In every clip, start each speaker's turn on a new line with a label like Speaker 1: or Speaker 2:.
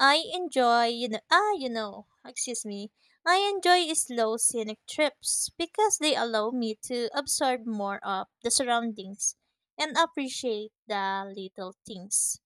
Speaker 1: I enjoy, excuse me. I enjoy slow scenic trips because they allow me to absorb more of the surroundings and appreciate the little things.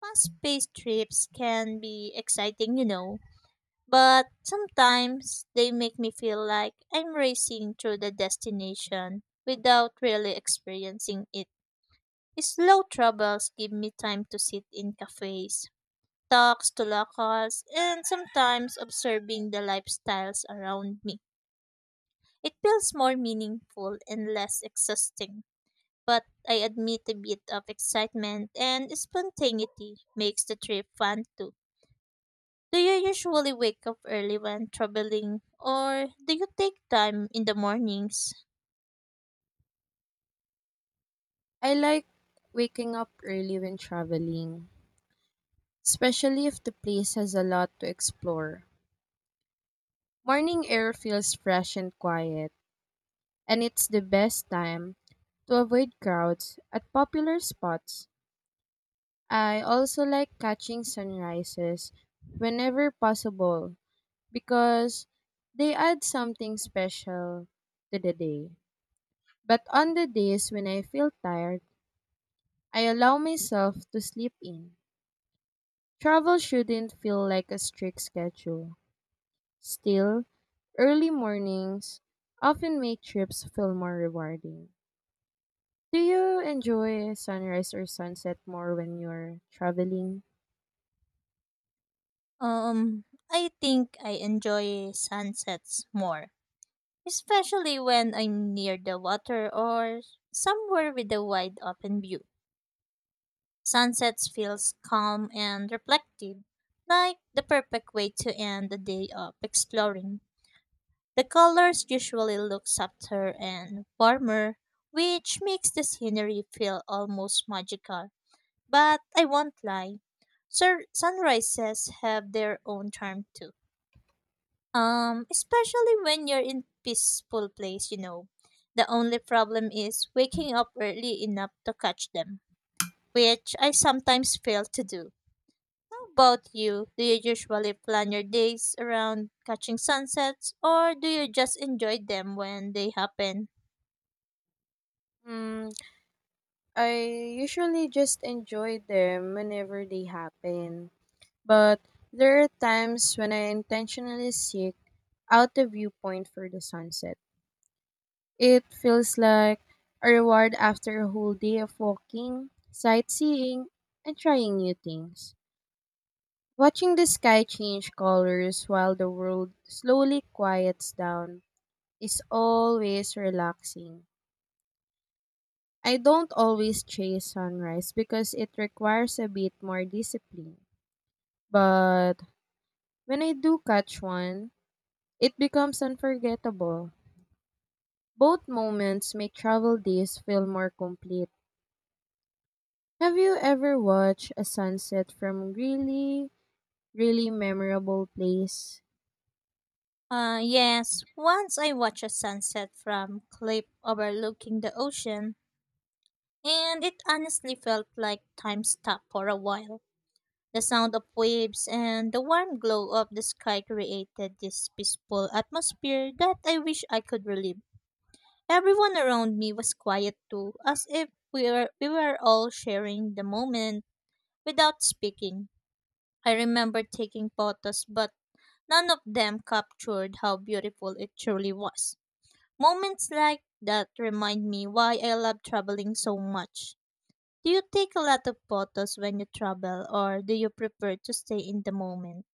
Speaker 1: Fast-paced trips can be exciting, but sometimes they make me feel like I'm racing through the destination without really experiencing it. Slow travels give me time to sit in cafes, talks to locals, and sometimes observing the lifestyles around me. It feels more meaningful and less exhausting, but I admit a bit of excitement and spontaneity makes the trip fun too. Do you usually wake up early when traveling, or do you take time in the mornings?
Speaker 2: I like waking up early when traveling, especially if the place has a lot to explore. Morning air feels fresh and quiet, and it's the best time to avoid crowds at popular spots. I also like catching sunrises whenever possible because they add something special to the day. But on the days when I feel tired, I allow myself to sleep in. Travel shouldn't feel like a strict schedule. Still, early mornings often make trips feel more rewarding. Do you enjoy sunrise or sunset more when you're traveling?
Speaker 1: Um, I think I enjoy sunsets more, especially when I'm near the water or somewhere with a wide open view. Sunsets feels calm and reflective, like the perfect way to end the day of exploring. The colors usually look softer and warmer, which makes the scenery feel almost magical. But I won't lie, sunrises have their own charm too. Especially when you're in peaceful place. The only problem is waking up early enough to catch them, which I sometimes fail to do. How about you? Do you usually plan your days around catching sunsets or do you just enjoy them when they happen?
Speaker 2: Hmm, I usually just enjoy them whenever they happen. But there are times when I intentionally seek out a viewpoint for the sunset. It feels like a reward after a whole day of walking, sightseeing, and trying new things. Watching the sky change colors while the world slowly quiets down is always relaxing. I don't always chase sunrise because it requires a bit more discipline. But when I do catch one, it becomes unforgettable. Both moments make travel days feel more complete. Have you ever watched a sunset from really, really memorable place?
Speaker 1: Yes, once I watched a sunset from cliff overlooking the ocean, and it honestly felt like time stopped for a while. The sound of waves and the warm glow of the sky created this peaceful atmosphere that I wish I could relive. Everyone around me was quiet too, as if we were all sharing the moment without speaking. I remember taking photos, but none of them captured how beautiful it truly was. Moments like that remind me why I love traveling so much. Do you take a lot of photos when you travel, or do you prefer to stay in the moment?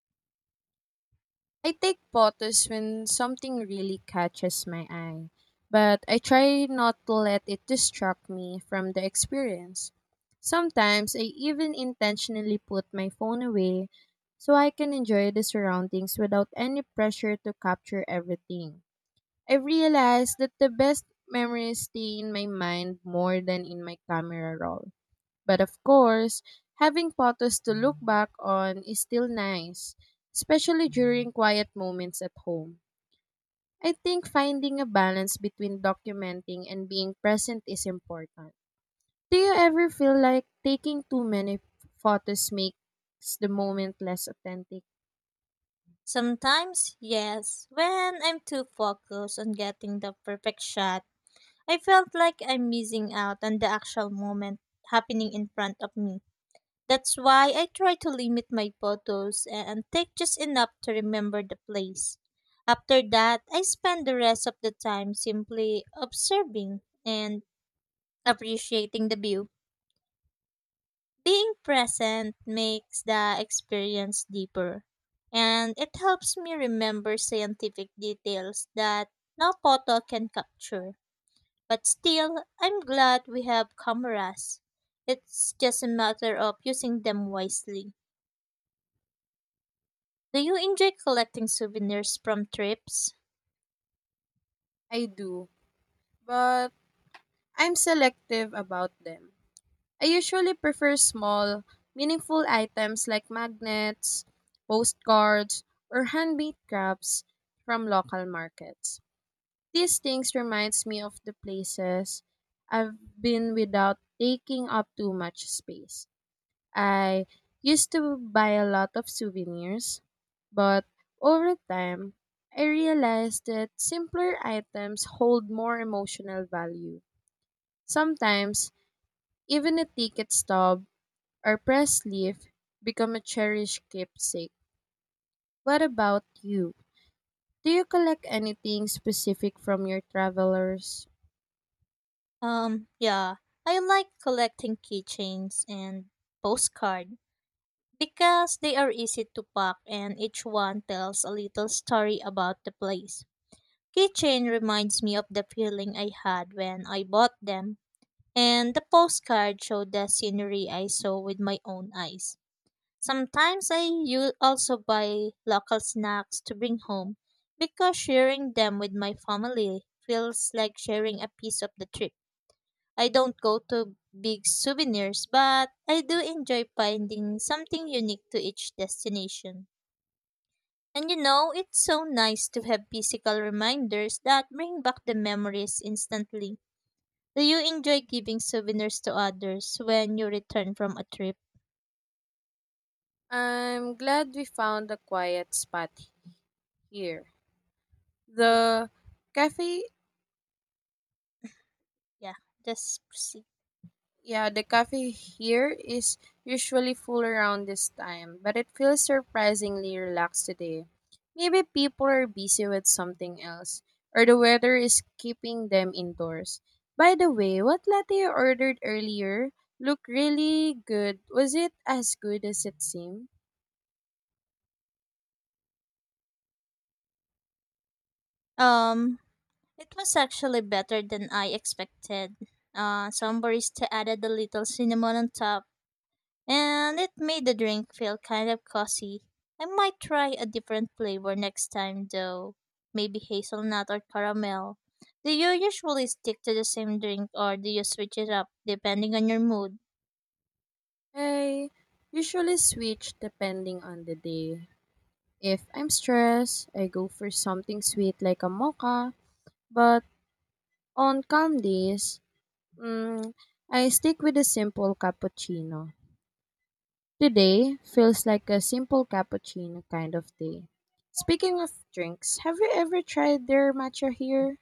Speaker 2: I take photos when something really catches my eye, but I try not to let it distract me from the experience. Sometimes I even intentionally put my phone away so I can enjoy the surroundings without any pressure to capture everything. I realized that the best memories stay in my mind more than in my camera roll. But of course, having photos to look back on is still nice, especially during quiet moments at home. I think finding a balance between documenting and being present is important. Do you ever feel like taking too many photos makes the moment less authentic?
Speaker 1: Sometimes, yes, when I'm too focused on getting the perfect shot, I felt like I'm missing out on the actual moment happening in front of me. That's why I try to limit my photos and take just enough to remember the place. After that, I spend the rest of the time simply observing and appreciating the view. Being present makes the experience deeper, and it helps me remember scientific details that no photo can capture. But still, I'm glad we have cameras. It's just a matter of using them wisely. Do you enjoy collecting souvenirs from trips?
Speaker 2: I do, but I'm selective about them. I usually prefer small, meaningful items like magnets, postcards, or handmade crafts from local markets. These things reminds me of the places I've been without taking up too much space. I used to buy a lot of souvenirs, but over time, I realized that simpler items hold more emotional value. Sometimes, even a ticket stub or pressed leaf become a cherished keepsake. What about you? Do you collect anything specific from your travelers?
Speaker 1: Yeah, I like collecting keychains and postcard because they are easy to pack and each one tells a little story about the place. Keychain reminds me of the feeling I had when I bought them, and the postcard showed the scenery I saw with my own eyes. Sometimes I you also buy local snacks to bring home because sharing them with my family feels like sharing a piece of the trip. I don't go to big souvenirs, but I do enjoy finding something unique to each destination. And you know, it's so nice to have physical reminders that bring back the memories instantly. Do you enjoy giving souvenirs to others when you return from a trip?
Speaker 2: I'm glad we found a quiet spot here.
Speaker 1: Oh,
Speaker 2: The cafe.
Speaker 1: yeah, just proceed.
Speaker 2: Yeah, the cafe here is usually full around this time, but it feels surprisingly relaxed today. Maybe people are busy with something else, or the weather is keeping them indoors. By the way, what latte you ordered earlier looked really good. Was it as good as it seemed?
Speaker 1: Um, It was actually better than I expected. Some barista added a little cinnamon on top, and it made the drink feel kind of cozy. I might try a different flavor next time, though. Maybe hazelnut or caramel. Do you usually stick to the same drink, or do you switch it up depending on your mood?
Speaker 2: I usually switch depending on the day. If I'm stressed, I go for something sweet like a mocha, but on calm days, Mm, I stick with a simple cappuccino. Today feels like a simple cappuccino kind of day. Speaking of drinks, have you ever tried their matcha here?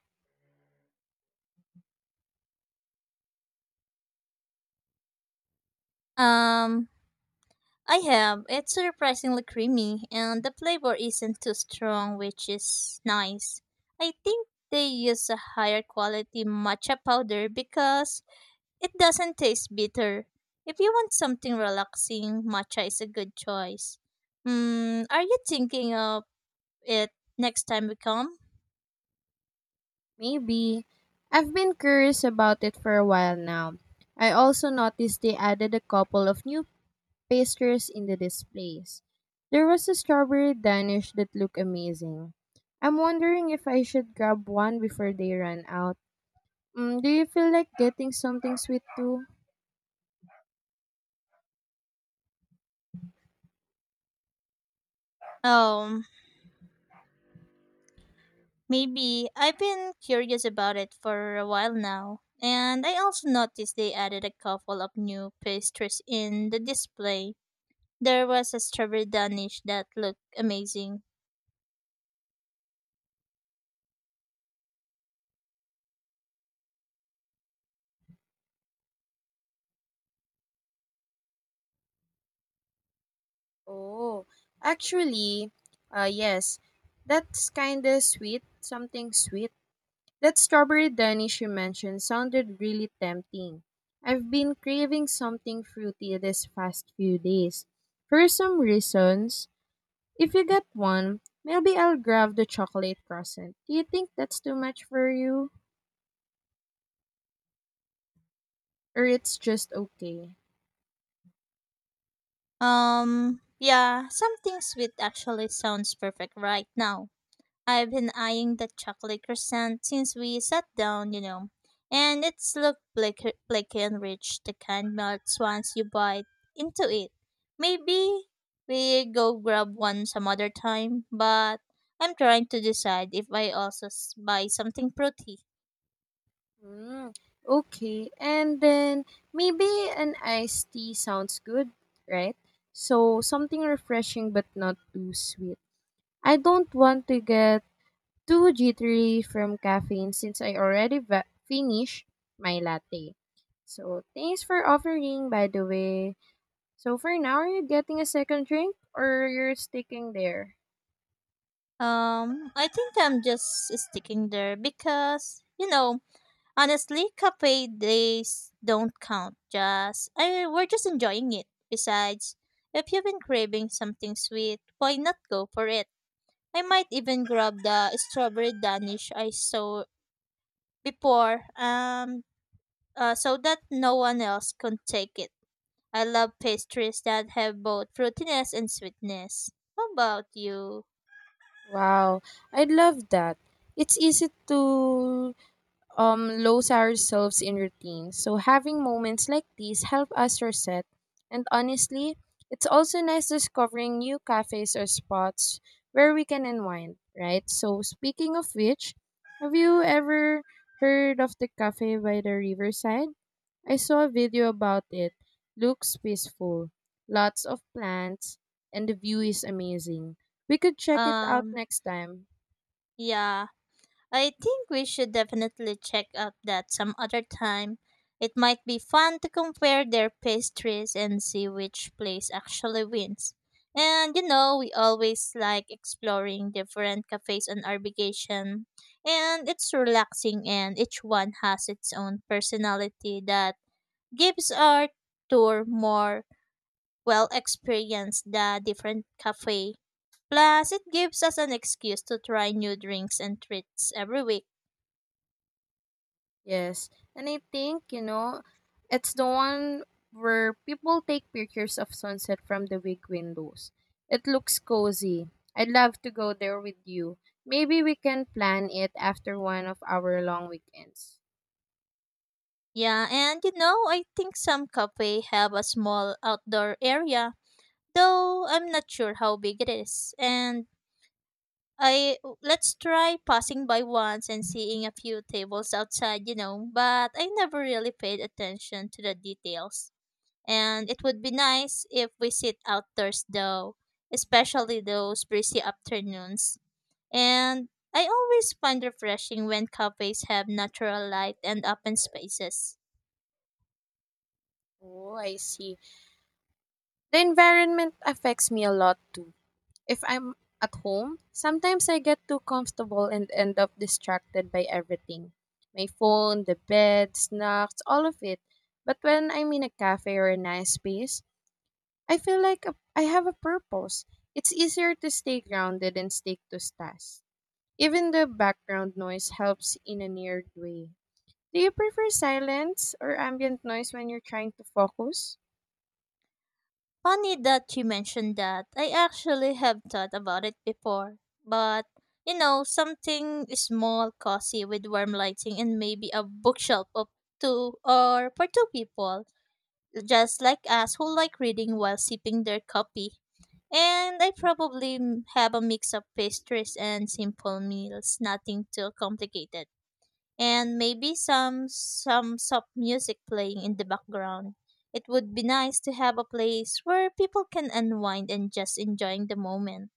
Speaker 1: Um, I have. It's surprisingly creamy, and the flavor isn't too strong, which is nice. I think they use a higher quality matcha powder because it doesn't taste bitter. If you want something relaxing, matcha is a good choice. Mm, are you thinking of it next time we come?
Speaker 2: Maybe. I've been curious about it for a while now. I also noticed they added a couple of new pastries in the displays. There was a strawberry danish that looked amazing. I'm wondering if I should grab one before they run out. Do you feel like getting something sweet too?
Speaker 1: Oh, maybe. I've been curious about it for a while now. And I also noticed they added a couple of new pastries in the display. There was a strawberry danish that looked amazing.
Speaker 2: Oh, actually, yes, that's kinda sweet, something sweet. That strawberry danish you mentioned sounded really tempting. I've been craving something fruity this past few days. For some reasons, if you get one, maybe I'll grab the chocolate croissant. Do you think that's too much for you? Or it's just okay?
Speaker 1: Yeah, something sweet actually sounds perfect right now. I've been eyeing the chocolate croissant since we sat down. And it's looked flaky and rich, the kind melts once you bite into it. Maybe we go grab one some other time, but I'm trying to decide if I also buy something fruity.
Speaker 2: Mm, okay. And then maybe an iced tea sounds good, right? So something refreshing but not too sweet. I don't want to get too jittery from caffeine since I already finished my latte. So thanks for offering, by the way. So for now, are you getting a second drink or you're sticking there?
Speaker 1: I think I'm just sticking there because honestly, cafe days don't count. Just I We're just enjoying it. Besides, if you've been craving something sweet, why not go for it? I might even grab the strawberry danish I saw before. So that no one else could take it. I love pastries that have both fruitiness and sweetness. How about you?
Speaker 2: Wow, I'd love that. It's easy to lose ourselves in routine. So having moments like these help us reset. And honestly, it's also nice discovering new cafes or spots where we can unwind, right? So speaking of which, have you ever heard of the cafe by the riverside? I saw a video about it. Looks peaceful, lots of plants, and the view is amazing. We could check it out
Speaker 1: Um,
Speaker 2: next time.
Speaker 1: yeah. I think we should definitely check up that some other time. It might be fun to compare their pastries and see which place actually wins. And you know, we always like exploring different cafes on our vacation, and it's relaxing, and each one has its own personality that gives our tour more, well, experience the different cafe. Plus, it gives us an excuse to try new drinks and treats every week.
Speaker 2: Yes. And I think, you know, it's the one where people take pictures of sunset from the big windows. It looks cozy. I'd love to go there with you. Maybe we can plan it after one of our long weekends.
Speaker 1: Yeah, and you know, I think some cafe have a small outdoor area, though I'm not sure how big it is. And I Let's try passing by once and seeing a few tables outside, but I never really paid attention to the details. And it would be nice if we sit outdoors though, especially those breezy afternoons. And I always find refreshing when cafes have natural light and open spaces.
Speaker 2: Oh, I see. The environment affects me a lot too. If I'm at home, sometimes I get too comfortable and end up distracted by everything. My phone, the bed, snacks, all of it. But when I'm in a cafe or a nice space, I feel like I have a purpose. It's easier to stay grounded and stick to tasks. Even the background noise helps in a weird way. Do you prefer silence or ambient noise when you're trying to focus?
Speaker 1: Funny that you mentioned that. I actually have thought about it before. But, you know, something small, cozy with warm lighting and maybe a bookshelf of two or for two people, just like us who like reading while sipping their coffee. And I probably have a mix of pastries and simple meals, nothing too complicated, and maybe some soft music playing in the background. It would be nice to have a place where people can unwind and just enjoying the moment.